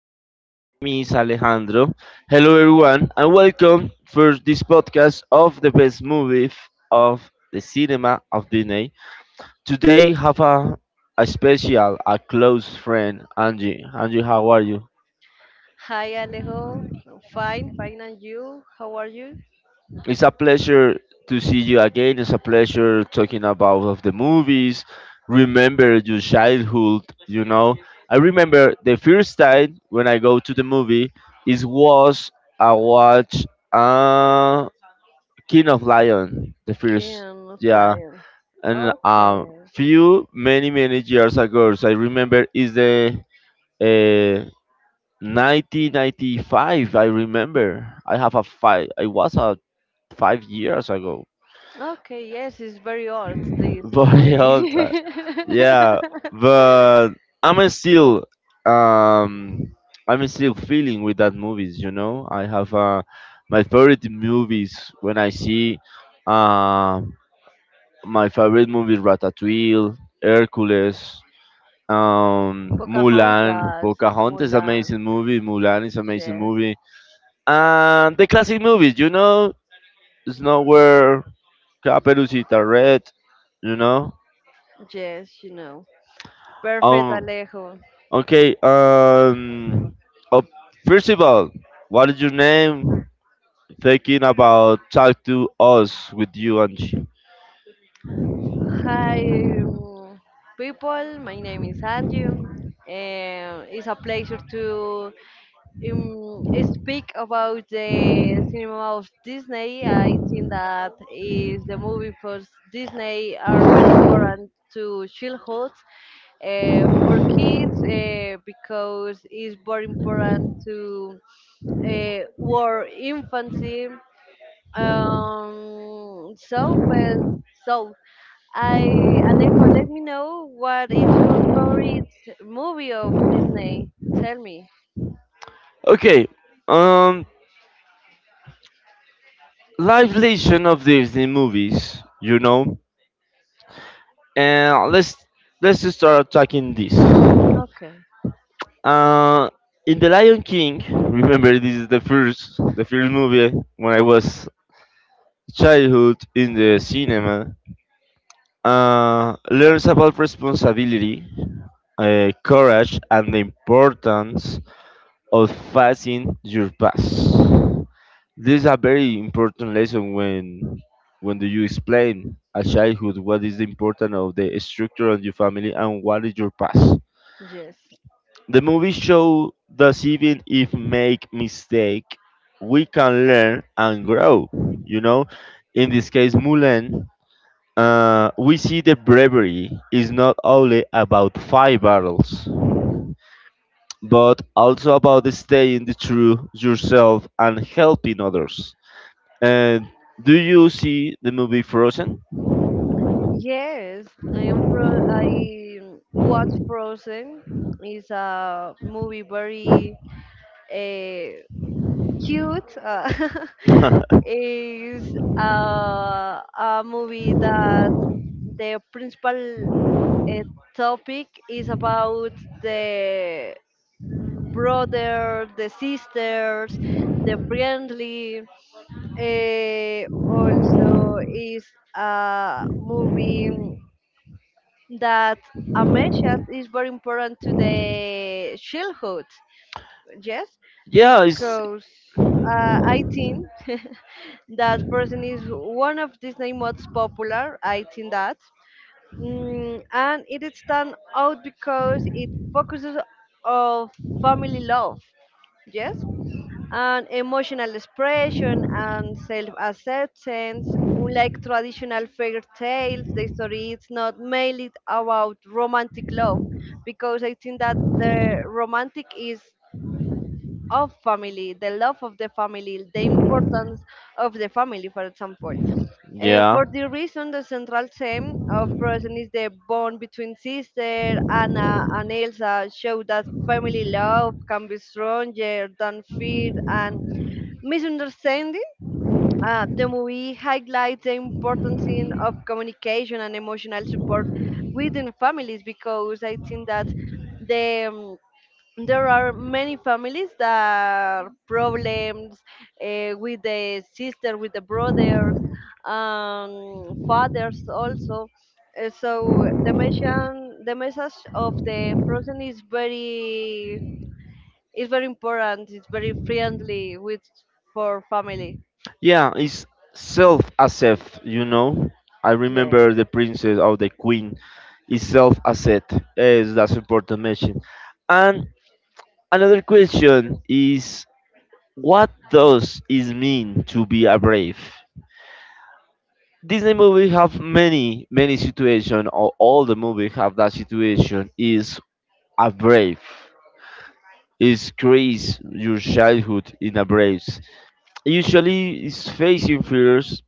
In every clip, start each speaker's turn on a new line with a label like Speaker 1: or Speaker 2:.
Speaker 1: My name is Alejandro. Hello, everyone, and welcome for this podcast of the best movie f- of the cinema of Disney. Today, have a special, a close friend, Angie. Angie, how are you?
Speaker 2: Hi Alejo, fine, fine, and you? How are you?
Speaker 1: It's a pleasure to see you again. It's a pleasure talking about of the movies. Remember your childhood, you know. I remember the first time when I go to the movie is was I watch King of Lion, the first
Speaker 2: Can
Speaker 1: yeah.
Speaker 2: flying.
Speaker 1: And
Speaker 2: Okay,
Speaker 1: few many years ago so I remember is the uh 1995, I remember I have a five I was a 5 years ago
Speaker 2: okay, yes, it's very old this
Speaker 1: for
Speaker 2: movie.
Speaker 1: the time. Yeah, but I'm still um I'm still feeling with that movies. You know, I have my favorite movies when I see uh, my favorite movie Ratatouille, Hercules. Mulan,
Speaker 2: Pocahontas,
Speaker 1: Pocahontas,
Speaker 2: Mulan,
Speaker 1: amazing movie. Mulan is amazing
Speaker 2: yes,
Speaker 1: movie, and the classic movies, you know, Snow White, Caperucita Red, you know,
Speaker 2: yes, you know. Perfect,
Speaker 1: um,
Speaker 2: Alejo.
Speaker 1: okay. Oh, First of all, what is your name? Thinking about talk to us with you, Angie.
Speaker 2: Hi, um, people. My name is Andrew, and it's a pleasure to speak about the cinema of Disney. I think that is the movie for Disney are very important to childhood, for kids, because it's very important to war infancy. So I Alejo, let me know what is your favorite movie of Disney. Tell me.
Speaker 1: Okay. Um. Live lesson of Disney movies. You know. And let's just start talking this.
Speaker 2: Okay.
Speaker 1: Uh, in The Lion King, remember this is the first movie when I was childhood in the cinema. Learns about responsibility, courage, and the importance of facing your past. This is a very important lesson when do you explain a childhood what is the importance of the structure of your family and what is your past.
Speaker 2: Yes.
Speaker 1: The movie show that even if make mistake, we can learn and grow. You know, in this case, Mulan we see the bravery is not only about five battles, but also about staying the true yourself and helping others. And do you see the movie Frozen?
Speaker 2: Yes, I am pro. I watch Frozen. It's a movie very uh, cute. Is a, a movie that the principal uh, topic is about the brother, the sisters, the friendly. Also, is a movie that amnesia is very important to the childhood, yes,
Speaker 1: yeah, it's
Speaker 2: because I think that person is one of Disney most popular. I think that and it is stand out because it focuses on family love, yes, and emotional expression and self-acceptance. Unlike traditional fairy tales, the story is not mainly about romantic love, because I think that the romantic is of family, the love of the family, the importance of the family, for example.
Speaker 1: yeah,
Speaker 2: For the reason, the central theme of Frozen is the bond between sister Anna and Elsa, show that family love can be stronger than fear and misunderstanding. The movie highlights the importance in, of communication and emotional support within families, because I think that the um, there are many families that problems with the sister, with the brothers, fathers also. So the message of the Frozen is very, is very important. It's very friendly with, for family,
Speaker 1: Yeah, it's self accept, you know. I
Speaker 2: yes.
Speaker 1: remember the princess or the queen is self accept. Yes, that's important message. And another question is, what does it mean to be a brave? Disney movie have many many situation or all the movie have that situation is a brave is crazy your childhood in a braves usually is facing fears,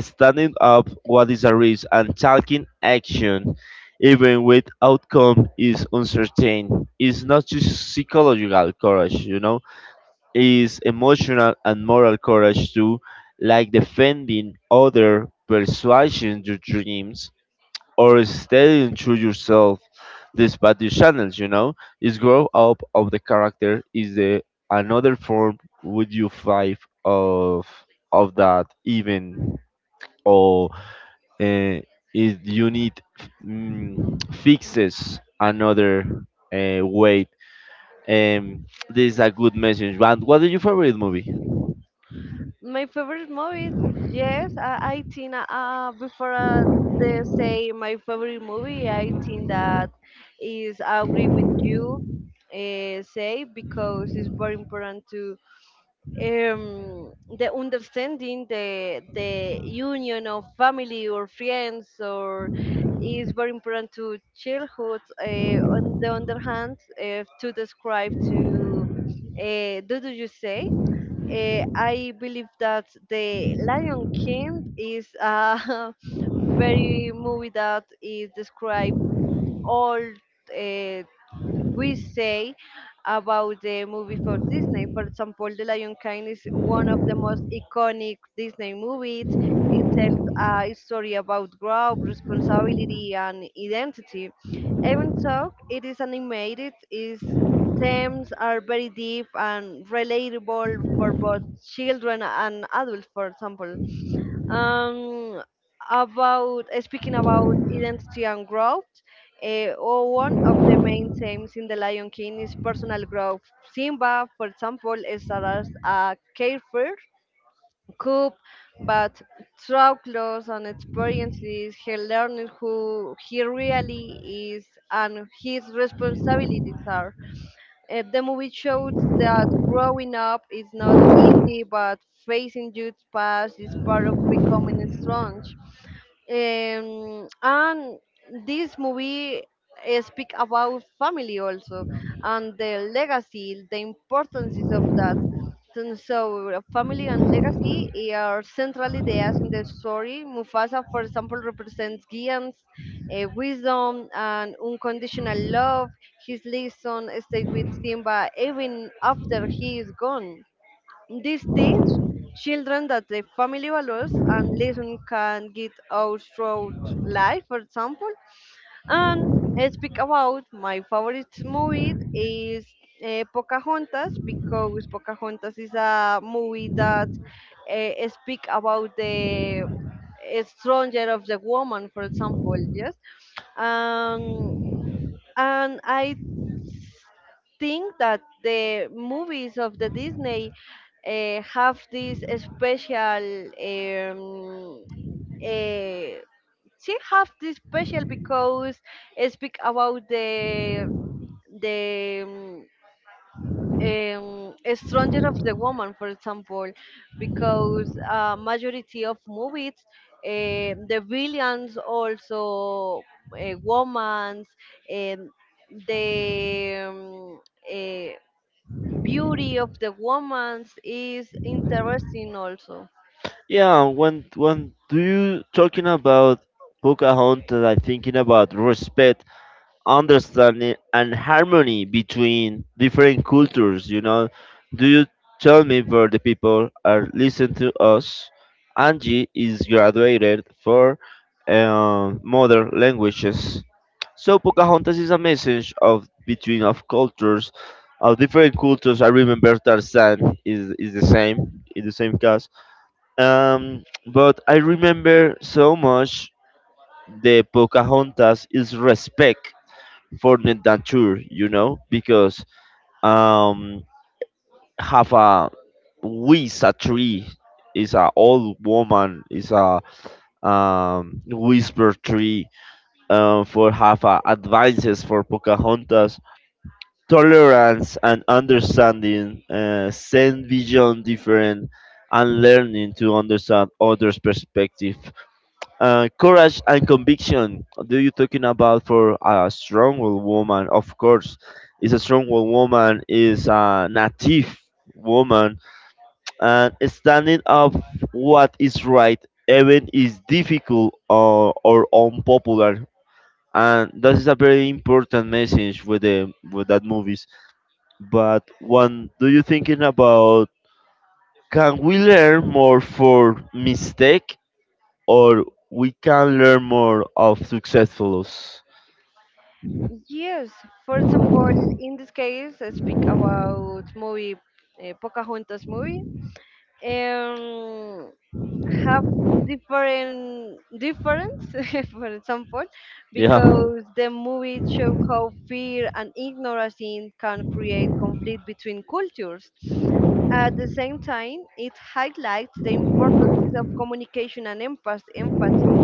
Speaker 1: standing up what is a risk and taking action, even with outcome is uncertain. It's not just psychological courage, you know, is emotional and moral courage too, like defending other, persuading your dreams, or staying true yourself despite the channels, you know, is grow up of the character is the another form would you five of that even or uh, is you need fixes another way. This is a good message. And what is your favorite movie?
Speaker 2: My favorite movies, yes, I think before, they say my favorite movie, I think that is I agree with you, say because it's very important to um, the understanding, the union of family or friends, or is very important to childhood. On the other hand, to describe to do you say, I believe that The Lion King is a very movie that is described all, uh, we say about the movie for Disney. For example, The Lion King is one of the most iconic Disney movies. It tells a story about growth, responsibility, and identity. Even though it is animated, its themes are very deep and relatable for both children and adults, for example, um, about, speaking about identity and growth. Or One of the main themes in The Lion King is personal growth. Simba, for example, starts a carefree cub, but through clothes and experiences, he learns who he really is and his responsibilities are. The movie showed that growing up is not easy, but facing your past is part of becoming strong. And this movie speak about family also and the legacy, the importance of that. So, family and legacy are central ideas in the story. Mufasa, for example, represents Gideon's wisdom and unconditional love. His lesson stays with Simba even after he is gone. This teach children that the family values and lesson can get out throughout life, for example. And I speak about my favorite movie is Pocahontas, because Pocahontas is a movie that speak about the stronger of the woman, for example, yes. Um, and I think that the movies of the Disney have this special uh, she have this special because it speak about the stronger of the woman, for example, because majority of movies, the villains also women's, um, the um, eh, beauty of the woman's is interesting also.
Speaker 1: Yeah, when do you talking about Pocahontas, I'm thinking about respect, understanding, and harmony between different cultures. You know, do you tell me where the people are listening to us? Angie is graduated for modern languages. So Pocahontas is a message of between of cultures, of different cultures. I remember Tarzan is the same in the same case, but I remember so much the Pocahontas is respect for the nature, you know, because um, have a with a tree is a old woman is a whisper tree for have a advices for Pocahontas, tolerance and understanding, send beyond different, and learning to understand others perspective. Courage and conviction. Do you talking about for a strong woman? Of course, is a strong woman is a native woman and standing up what is right, even is difficult or unpopular. And that is a very important message with the with that movies. But when do you thinking about? Can we learn more for mistake? Or we can learn more of successfuls.
Speaker 2: Yes, for example, in this case, I speak about movie, Pocahontas movie, um, have different difference for example,
Speaker 1: Yeah.
Speaker 2: because the movie show how fear and ignorance can create conflict between cultures. At the same time, it highlights the importance of communication and empathy.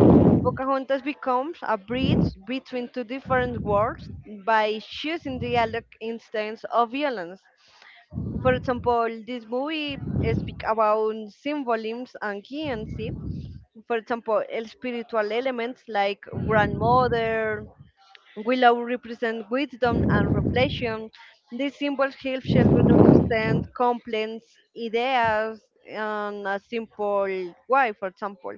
Speaker 2: Pocahontas becomes a bridge between two different worlds by choosing dialogue instead of violence. For example, this movie speak about symbolisms and currency. For example, spiritual elements like grandmother, Willow represents wisdom and reflection. These symbols help children understand complex ideas in a simple way, for example.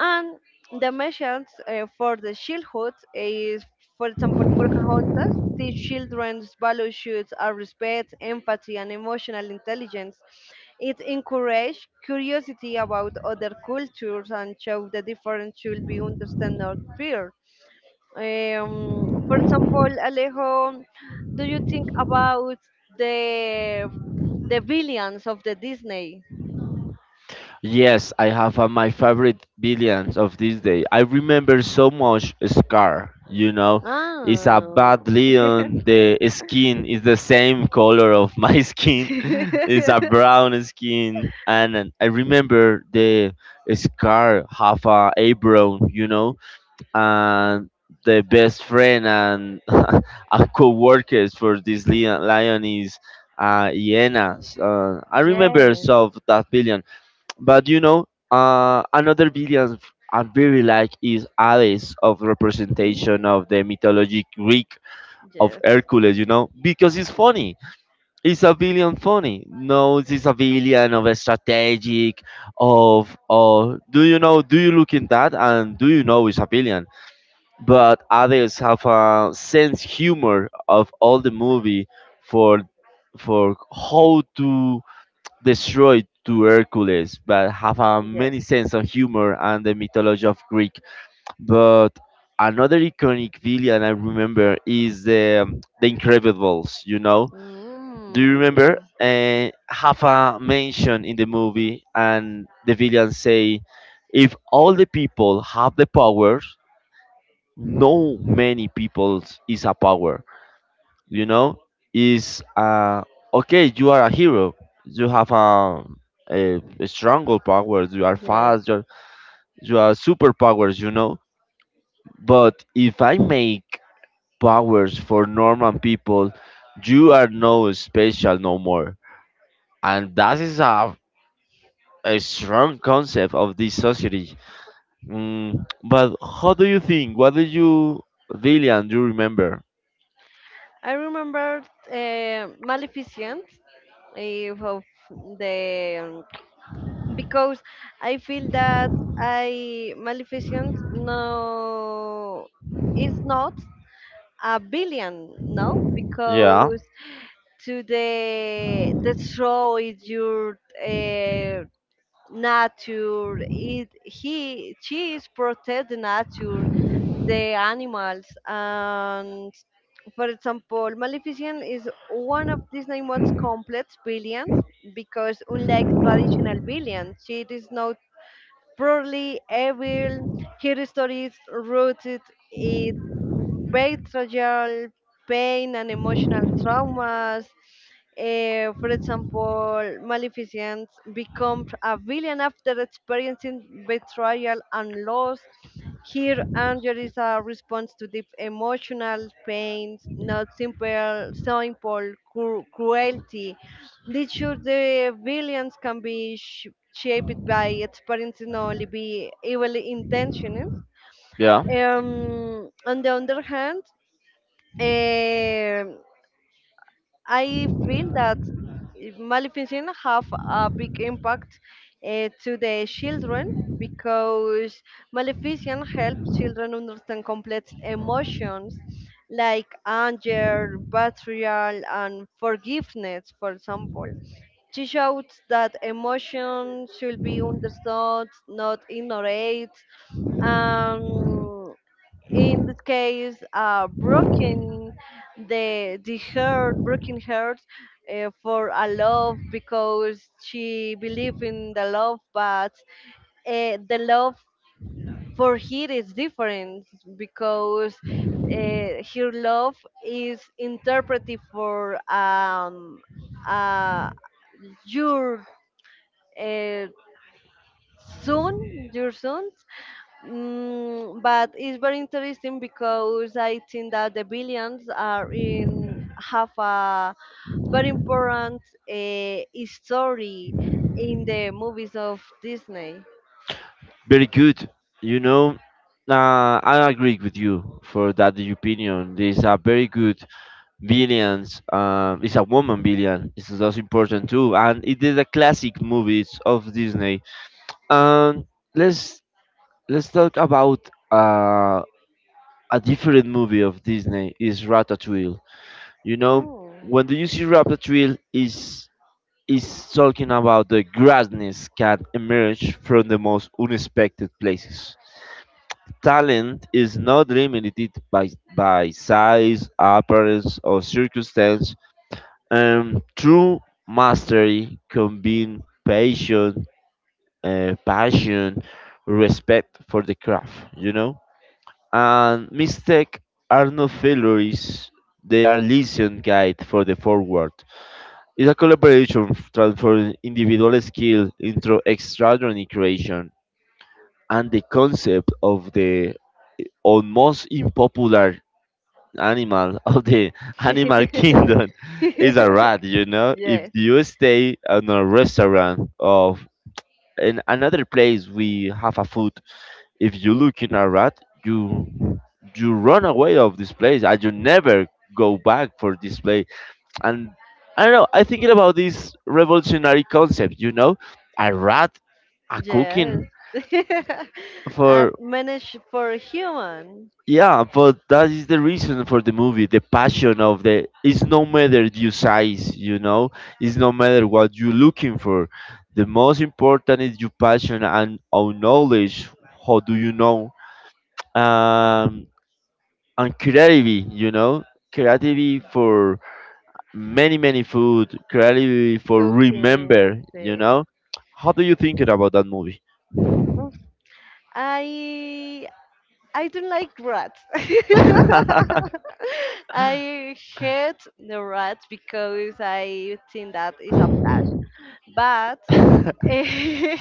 Speaker 2: And the message, for the childhood is, for example, Pocahontas teach children's values are respect, empathy, and emotional intelligence. It encourages curiosity about other cultures and shows the difference should be understood, not feared. For example, Alejo, do you think about the the villains of the Disney?
Speaker 1: Yes, I have my favorite villains of this day. I remember so much Scar, you know. It's a
Speaker 2: Ah.
Speaker 1: bad lion. The skin is the same color of my skin. It's a brown skin. And I remember the Scar have a apron, you know. And the best friend and a co-workers for this lion is hyenas. I remember
Speaker 2: Yes.
Speaker 1: some of that billion, but you know, another I really like is Hades of representation
Speaker 2: Mm,
Speaker 1: of the mythologic Greek of
Speaker 2: yes.
Speaker 1: Hercules. You know, because it's funny. It's a billion funny. No, it's a billion of a strategic of or do you know? Do you look in that and do you know it's a billion? But others have a sense humor of all the movie for for how to destroy to Hercules, but have a
Speaker 2: Yes.
Speaker 1: many sense of humor and the mythology of Greek. But another iconic villain I remember is the Incredibles. You know, do you remember? Have a mention in the movie, and the villain say, "If all the people have the power." No, many peoples is a power, you know, is okay, you are a hero, you have a a stronger powers, you are
Speaker 2: Yes.
Speaker 1: fast, you're, you are superpowers, you know, but if I make powers for normal people, you are no special no more, and that is a strong concept of this society. But how do you think what do you Lillian, do you remember?
Speaker 2: I remember Maleficent, eh, of the because I feel that I Maleficent no, is not a billion no,
Speaker 1: Yeah.
Speaker 2: because to the destroy your nature, it he she is protect the nature, the animals. And for example, Maleficent is one of Disney most complex villains, because unlike traditional villains, she is not probably evil. Her stories rooted in betrayal, pain, and emotional traumas. Eh, for example, Maleficent becomes a villain after experiencing betrayal and loss. Here, anger is a response to deep emotional pain, not simple cruelty. Did sure the villains can be shaped by experience and only be evil intentioned.
Speaker 1: Yeah,
Speaker 2: On the other hand, um I feel that Maleficent have a big impact to the children, because Maleficent helps children understand complex emotions like anger, betrayal, and forgiveness, for example. She shows that emotions should be understood, not ignored. Um, in this case, broken, the heart broken heart, for a love, because she believed in the love, but the love for her is different, because her love is interpreted for uh, your, uh, son, your son. Mm, but it's very interesting because I think that the billions are in have a very important uh, story in the movies of Disney.
Speaker 1: very good. You know, I agree with you for that opinion. This is a very good villains. It's a woman villain. It's just important too, and it is a classic movies of Disney. And let's let's talk about a different movie of Disney is Ratatouille. You know,
Speaker 2: Mm.
Speaker 1: when do you see Ratatouille? Is talking about the greatness can emerge from the most unexpected places. Talent is not limited by size, appearance, or circumstance, and true mastery combines passion, respect for the craft, you know? And mistakes are not failures, they are lesson guide for the forward. It's a collaboration transforming individual skill into extraordinary creation, and the concept of the almost unpopular animal of the animal kingdom is a rat. You know, if
Speaker 2: Yes,
Speaker 1: you stay in a restaurant of in another place we have a food, if you look in a rat, you you run away of this place and you never go back for this place. And I don't know, I thinking about this revolutionary concept, you know, a rat, a
Speaker 2: yes.
Speaker 1: cooking
Speaker 2: And
Speaker 1: for
Speaker 2: managed for a human.
Speaker 1: yeah, but that is the reason for the movie, the passion of the it's no matter your size, you know, it's no matter what you're looking for. The most important is your passion and our knowledge. How do you know? Um, and creativity, you know, creativity for many many food clearly for
Speaker 2: Who can
Speaker 1: remember you
Speaker 2: say.
Speaker 1: know, how do you think it about that movie?
Speaker 2: I I don't like rats. I hate the rats because I think that is a plus. But eh,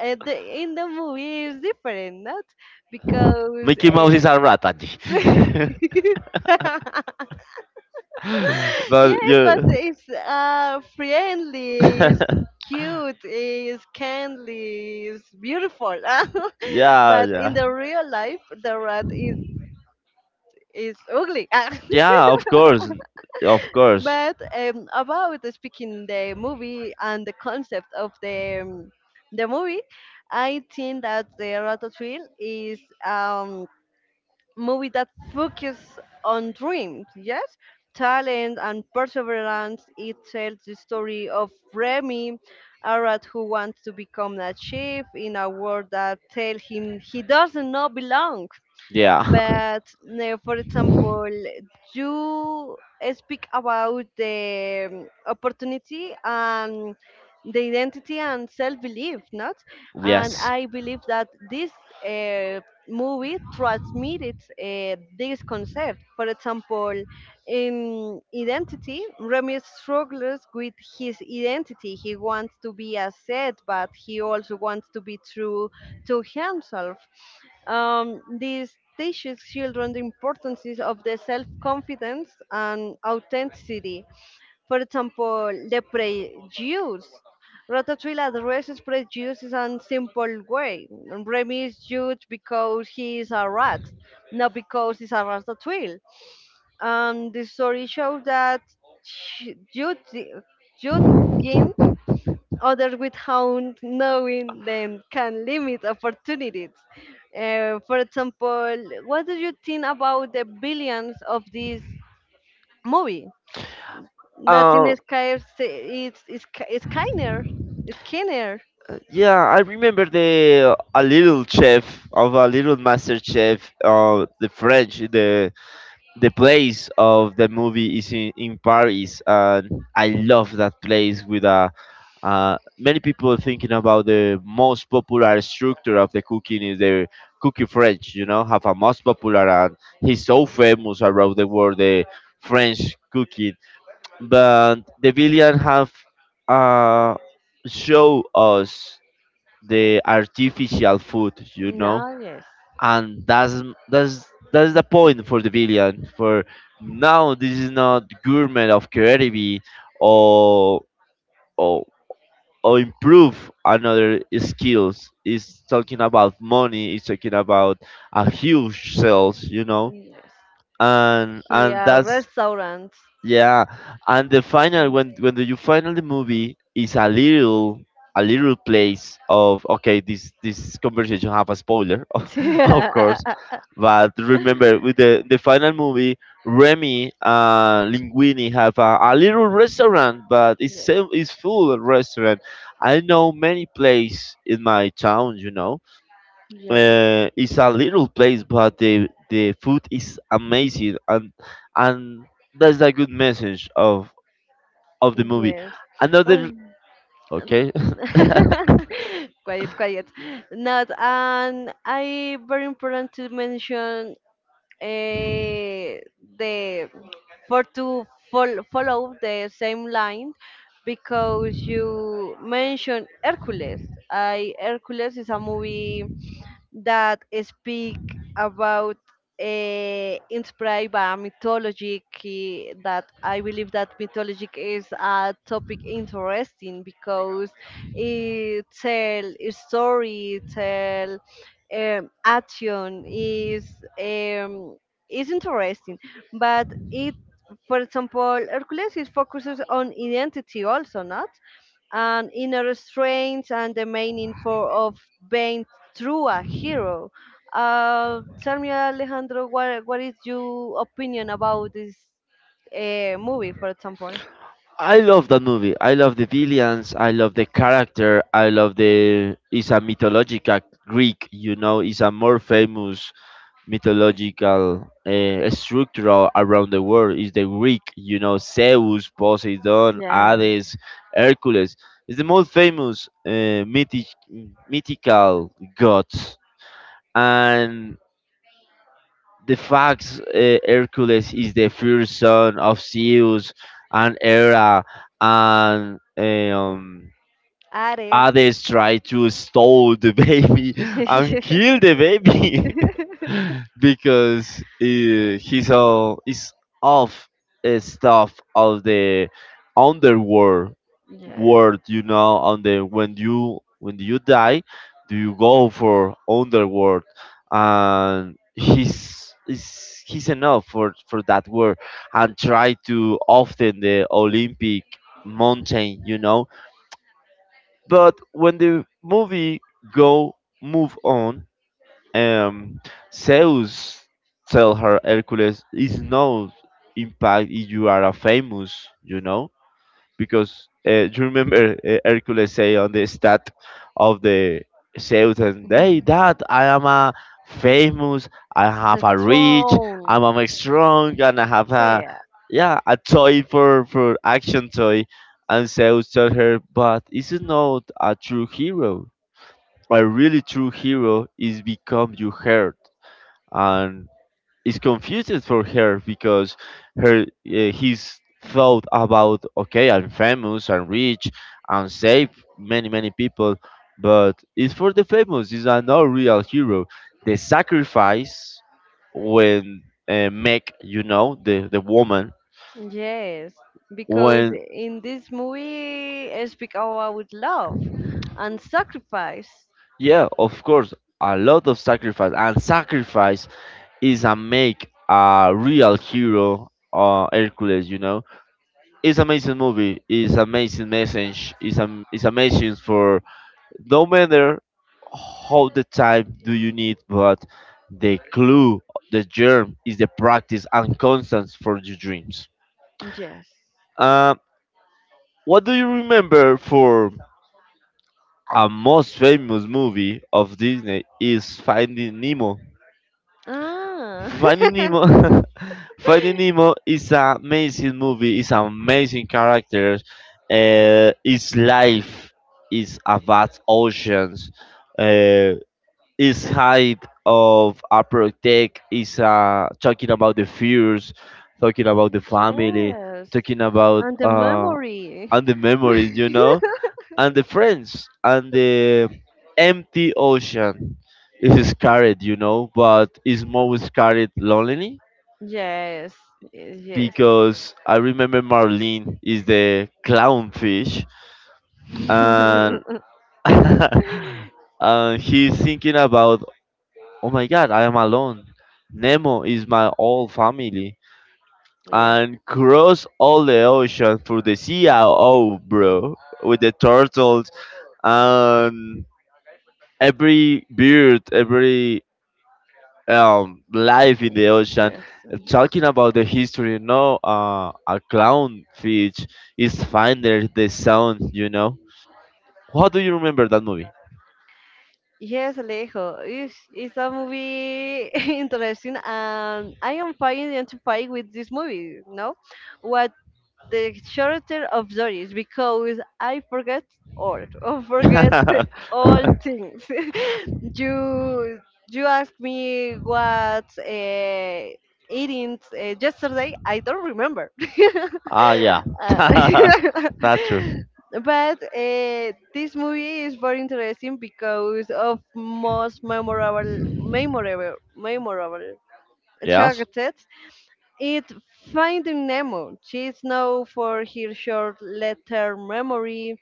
Speaker 2: the, in the movie is different, not because
Speaker 1: Mickey Mouse is a rat, Angie. But
Speaker 2: yes, but
Speaker 1: you
Speaker 2: it's friendly. It's cute, it's kindly, it's beautiful.
Speaker 1: yeah,
Speaker 2: But in
Speaker 1: yeah.
Speaker 2: the real life the rat is ugly. Ah.
Speaker 1: Yeah, of course. Of course.
Speaker 2: But about speaking the movie and the concept of the movie, I think that the Ratatouille is movie that focuses on dreams. Yes, talent and perseverance. It tells the story of Remy. A rat who wants to become a chef in a world that tells him he doesn't know belong.
Speaker 1: Yeah.
Speaker 2: But for example, you speak about the opportunity and the identity and self-belief, not? And
Speaker 1: Yes.
Speaker 2: I believe that this uh, movie transmitted this concept. For example, in identity, Remy struggles with his identity. He wants to be a saint, but he also wants to be true to himself. This teaches children the importance of the self-confidence and authenticity. For example, the prejudice. Ratatouille addresses prejudice in a simple way. Remy is judged because he is a rat, not because he's a ratatouille. The story shows that sh- youth, youth gain others without knowing them can limit opportunities. For example, what do you think about the billions of this movie? That's in
Speaker 1: Um,
Speaker 2: Sky, it's Skinner. Skinner.
Speaker 1: yeah, I remember the a little chef of a little master chef, the French, the place of the movie is in Paris, and I love that place with a. Many people thinking about the most popular structure of the cooking is the cookie French. You know, have a most popular and he's so famous around the world the French cooking. But the villain have uh, show us the artificial food. You know,
Speaker 2: Now, yes.
Speaker 1: and that's that's the point for the villain. For now, this is not gourmet of creativity, or or or improve another skills. It's talking about money. It's talking about a huge sales, you know,
Speaker 2: Yes.
Speaker 1: and
Speaker 2: Here,
Speaker 1: that's
Speaker 2: restaurants.
Speaker 1: yeah, and the final when you final the movie is a little place of okay, this conversation have a spoiler of
Speaker 2: Yes.
Speaker 1: course, but remember with the final movie Remy and Linguini have a little restaurant but it's full of restaurant. I know many place in my town, you know,
Speaker 2: Yes.
Speaker 1: it's a little place, but the food is amazing, and that's a good message of the movie.
Speaker 2: Yes.
Speaker 1: Another
Speaker 2: Um,
Speaker 1: okay,
Speaker 2: quiet, quiet. Not, and I very important to mention, eh, the for to follow the same line because you mentioned Hercules. I Hercules is a movie that speak about, inspired by mythology that I believe that mythology is a topic interesting, because it tell a story, it tell action um, is interesting, but it for example Hercules is focuses on identity also, not, and inner strength and the meaning for of being through a hero. Tell me, Alejandro, what is your opinion about this movie, for example?
Speaker 1: I love that movie. I love the villains. I love the character. I love the it's a mythological Greek. You know, it's a more famous mythological structure around the world is the Greek, you know, Zeus, Poseidon, Hades, Hercules. It's the most famous mythical gods. And the facts: Hercules is the first son of Zeus and Hera and
Speaker 2: Ares.
Speaker 1: others try to stole the baby and kill the baby because he's all is of stuff of the underworld world. You know, on the when you die, do you go for underworld? And he's is he's enough for that world and try to often the Olympic mountain. You know, but when the movie go move on, um, Zeus tell her Hercules is no impact if you are a famous, because you remember Hercules say on the stat of the Zeus and hey
Speaker 2: Mhm.
Speaker 1: that I am a famous, I
Speaker 2: The
Speaker 1: have a rich,
Speaker 2: throne.
Speaker 1: I'm, I strong and I have
Speaker 2: So
Speaker 1: a
Speaker 2: yeah,
Speaker 1: yeah a toy for action toy. And Zeus told her but this is not a true hero, a really true hero is become you hurt, and is confused for her because her his thought about okay I'm famous and rich and save many many people, but it's for the famous is not real hero, the sacrifice when make the woman
Speaker 2: yes, because
Speaker 1: when
Speaker 2: in this movie, I speak about love and sacrifice.
Speaker 1: yeah of course a lot of sacrifice and sacrifice is a make a real hero hercules, you know. It's amazing movie. It's amazing message. It's amazing for no matter how the time do you need, but the clue, the germ is the practice and constants for your dreams.
Speaker 2: Yes.
Speaker 1: Uh, what do you remember for a most famous movie of Disney is Finding Nemo?
Speaker 2: Ah.
Speaker 1: Finding Nemo, Finding Nemo is an amazing movie. It's an amazing characters. Its life is about oceans. Uh, its height of a protect is talking about the fears, talking about the family,
Speaker 2: Yes.
Speaker 1: talking about
Speaker 2: And the memory.
Speaker 1: and the memories, you know, and the friends and the empty ocean is scared, you know, but is more scared lonely
Speaker 2: Yes. Yes.
Speaker 1: because I remember Marlin is the clownfish, and and he's thinking about, oh my God, I am alone. Nemo is my whole family, and cross all the ocean for the CIO, bro, with the turtles and every bird, every life in the ocean. Talking about the history, no, a clownfish is finder the sound, you know. How do you remember that movie?
Speaker 2: Yes, Alejo, it's a movie interesting, and I am fine identifying with this movie. No, what the character of Doris, because I forget all, or forget all things. you you asked me what eating yesterday. I don't remember.
Speaker 1: Ah, yeah,
Speaker 2: Uh,
Speaker 1: that's true.
Speaker 2: but this movie is very interesting because of most memorable memorable
Speaker 1: Yes.
Speaker 2: characters. It, finding Nemo, she's known for her short letter memory.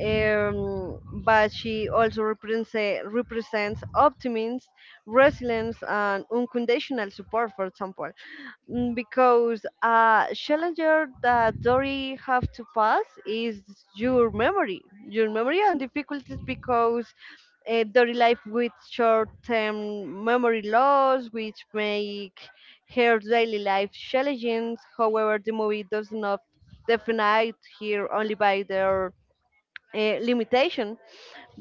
Speaker 2: Um, but she also represents optimism, resilience, and unconditional support, for example. Mm, because a challenger that Dory have to pass is your memory and difficulties, because Dory life with short-term memory loss, which make her daily life challenging. However, the movie does not define here only by their limitation,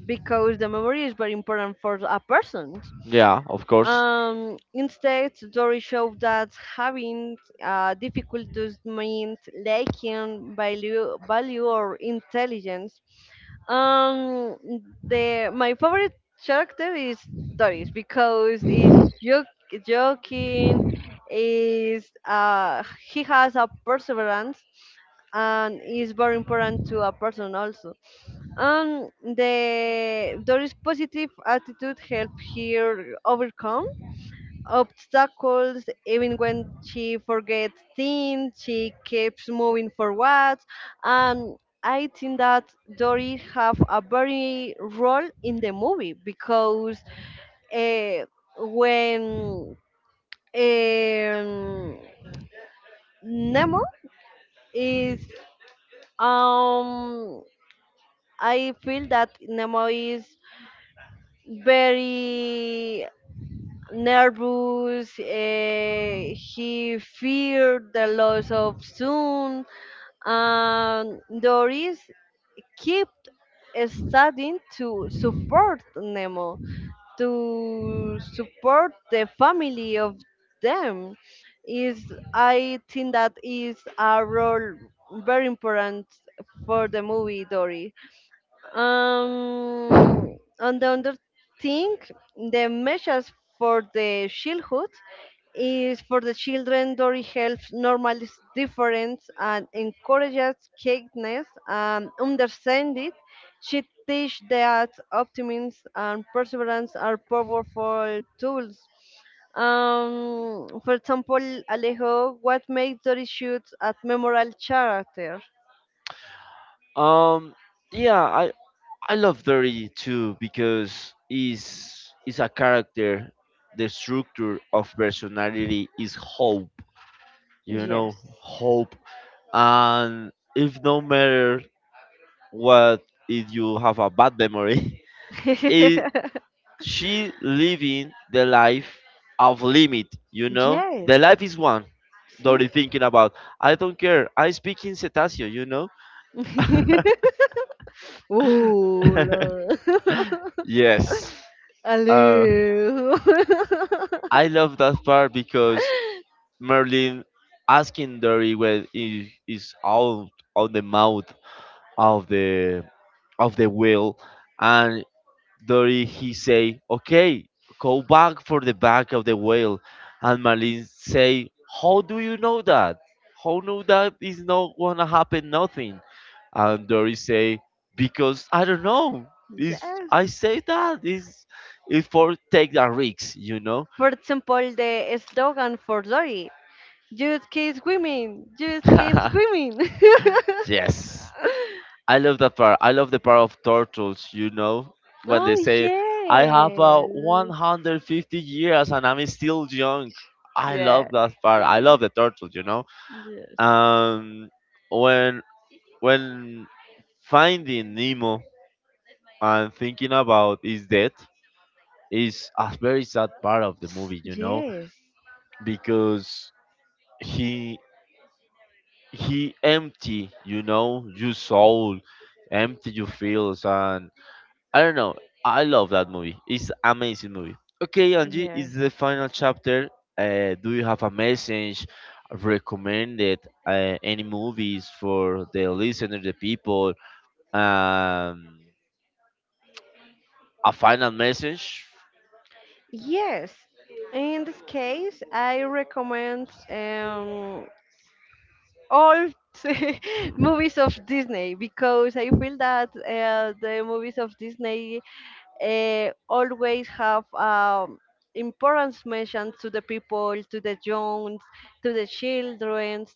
Speaker 2: because the memory is very important for a person.
Speaker 1: Yeah, of course.
Speaker 2: Instead, Dory showed that having difficult does mean lacking value or intelligence. Um, the my favorite character is Doris because he's joking, is he has a perseverance and is very important to a person also. The Doris' positive attitude helped her overcome obstacles. Even when she forgets things, she keeps moving forward. And I think that Dory have a very role in the movie because uh, when um, Nemo is um, I feel that Nemo is very nervous. Eh, he feared the loss of Sun, and Doris kept studying to support Nemo, to support the family of them. Is I think that is a role very important for the movie Dory. On the other thing, the measures for the shieldhood is for the children. Dory helps normalize difference and encourages kindness and understand it. She teaches that optimism and perseverance are powerful tools. For example, Alejo, what makes Dory Shoots a memorable character?
Speaker 1: Um, yeah, I love Dirty too because is a character. The structure of personality is hope. You
Speaker 2: Yes.
Speaker 1: know, hope. And if no matter what, if you have a bad memory, is she living the life of limit, you know?
Speaker 2: Yes.
Speaker 1: The life is one.
Speaker 2: See?
Speaker 1: Dory thinking about, I don't care, I speak in cetaceo, you know?
Speaker 2: Ooh, love.
Speaker 1: Yes. Uh,
Speaker 2: Hello.
Speaker 1: I love that part because Merlin asking Dory when he is out on the mouth of the of the wheel and Dory he say okay go back for the back of the wheel, and Marlene say how do you know that, how know that is not gonna happen nothing, and Dory say because I don't know. Is
Speaker 2: Yes.
Speaker 1: I say that is for take the risks, you know.
Speaker 2: For example, the slogan for Lori, just keep swimming, just keep swimming.
Speaker 1: Yes, I love that part. I love the part of turtles, you know, when they
Speaker 2: Oh,
Speaker 1: say, I have
Speaker 2: yes.
Speaker 1: 150 years and I'm still young. I
Speaker 2: Yeah.
Speaker 1: love that part. I love the turtles, you know.
Speaker 2: Yes.
Speaker 1: Um, when when finding Nemo and thinking about his death is a very sad part of the movie, you know,
Speaker 2: Yes.
Speaker 1: because he he empty, you know, your soul, empty your feels, and I don't know. I love that movie. It's amazing movie. Okay, Angie, it's
Speaker 2: Yes.
Speaker 1: the final chapter. Do you have a message? Recommended any movies for the listener, the people? Um, a final message?
Speaker 2: Yes. In this case, I recommend all movies of Disney, because I feel that the movies of Disney always have importance mentioned to the people, to the young, to the children.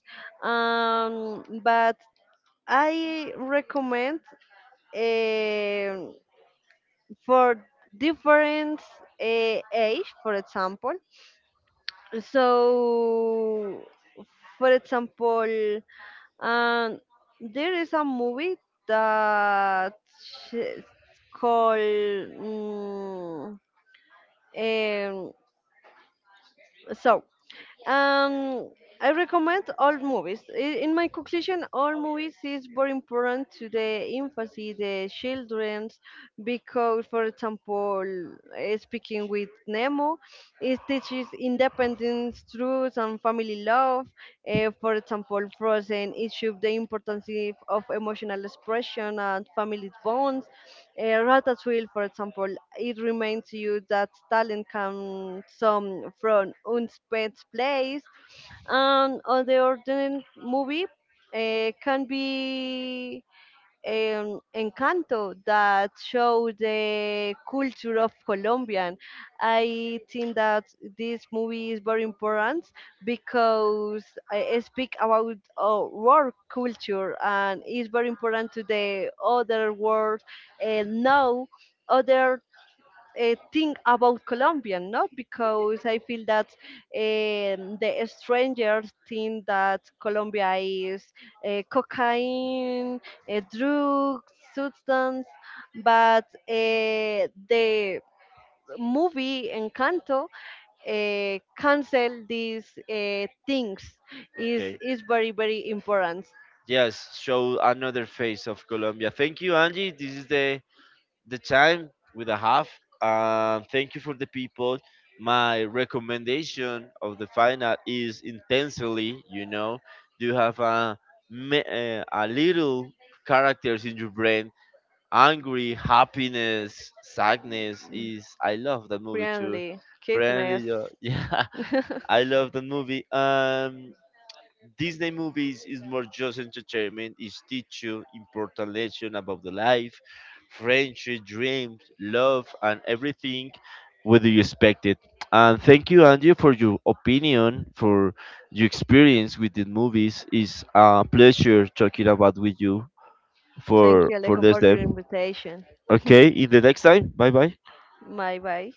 Speaker 2: But I recommend um for different uh, age, for example. So, for example, and there is a movie that is called um, so um, I recommend all movies. In my conclusion, all movies is very important to the infancy, the childrens, because, for example, speaking with Nemo, it teaches independence, truth, and family love. Eh, for example, Frozen, it shows the importance of emotional expression and family bonds. Ratatouille, for example, it reminds you that talent comes some from unspent place, and on the ordinary movie can be Encanto that show the culture of Colombian. I think that this movie is very important because I speak about work culture, and it's very important to the other world and know other think about Colombian, no? Because I feel that the strangers think that Colombia is cocaine, a drug, substance, but the movie Encanto cancel these things
Speaker 1: Okay.
Speaker 2: is very very important.
Speaker 1: Yes, show another face of Colombia. Thank you, Angie. This is the time with a half. Thank you for the people. My recommendation of the final is intensely. You know, you have a a little characters in your brain. Angry, happiness, sadness is. I love that movie too.
Speaker 2: Friendly, kindness.
Speaker 1: Friendly, yeah, I love that movie. Disney movies is more just entertainment, it teach you important lesson about the life, friendship, dreams, love, and everything whether you expect it. And thank you, Andrew, for your opinion, for your experience with the movies. It's a pleasure talking about with you
Speaker 2: Thank
Speaker 1: for
Speaker 2: you, Alejo,
Speaker 1: this
Speaker 2: for
Speaker 1: day.
Speaker 2: your invitation.
Speaker 1: Okay, in the next time. Bye bye.
Speaker 2: Bye bye.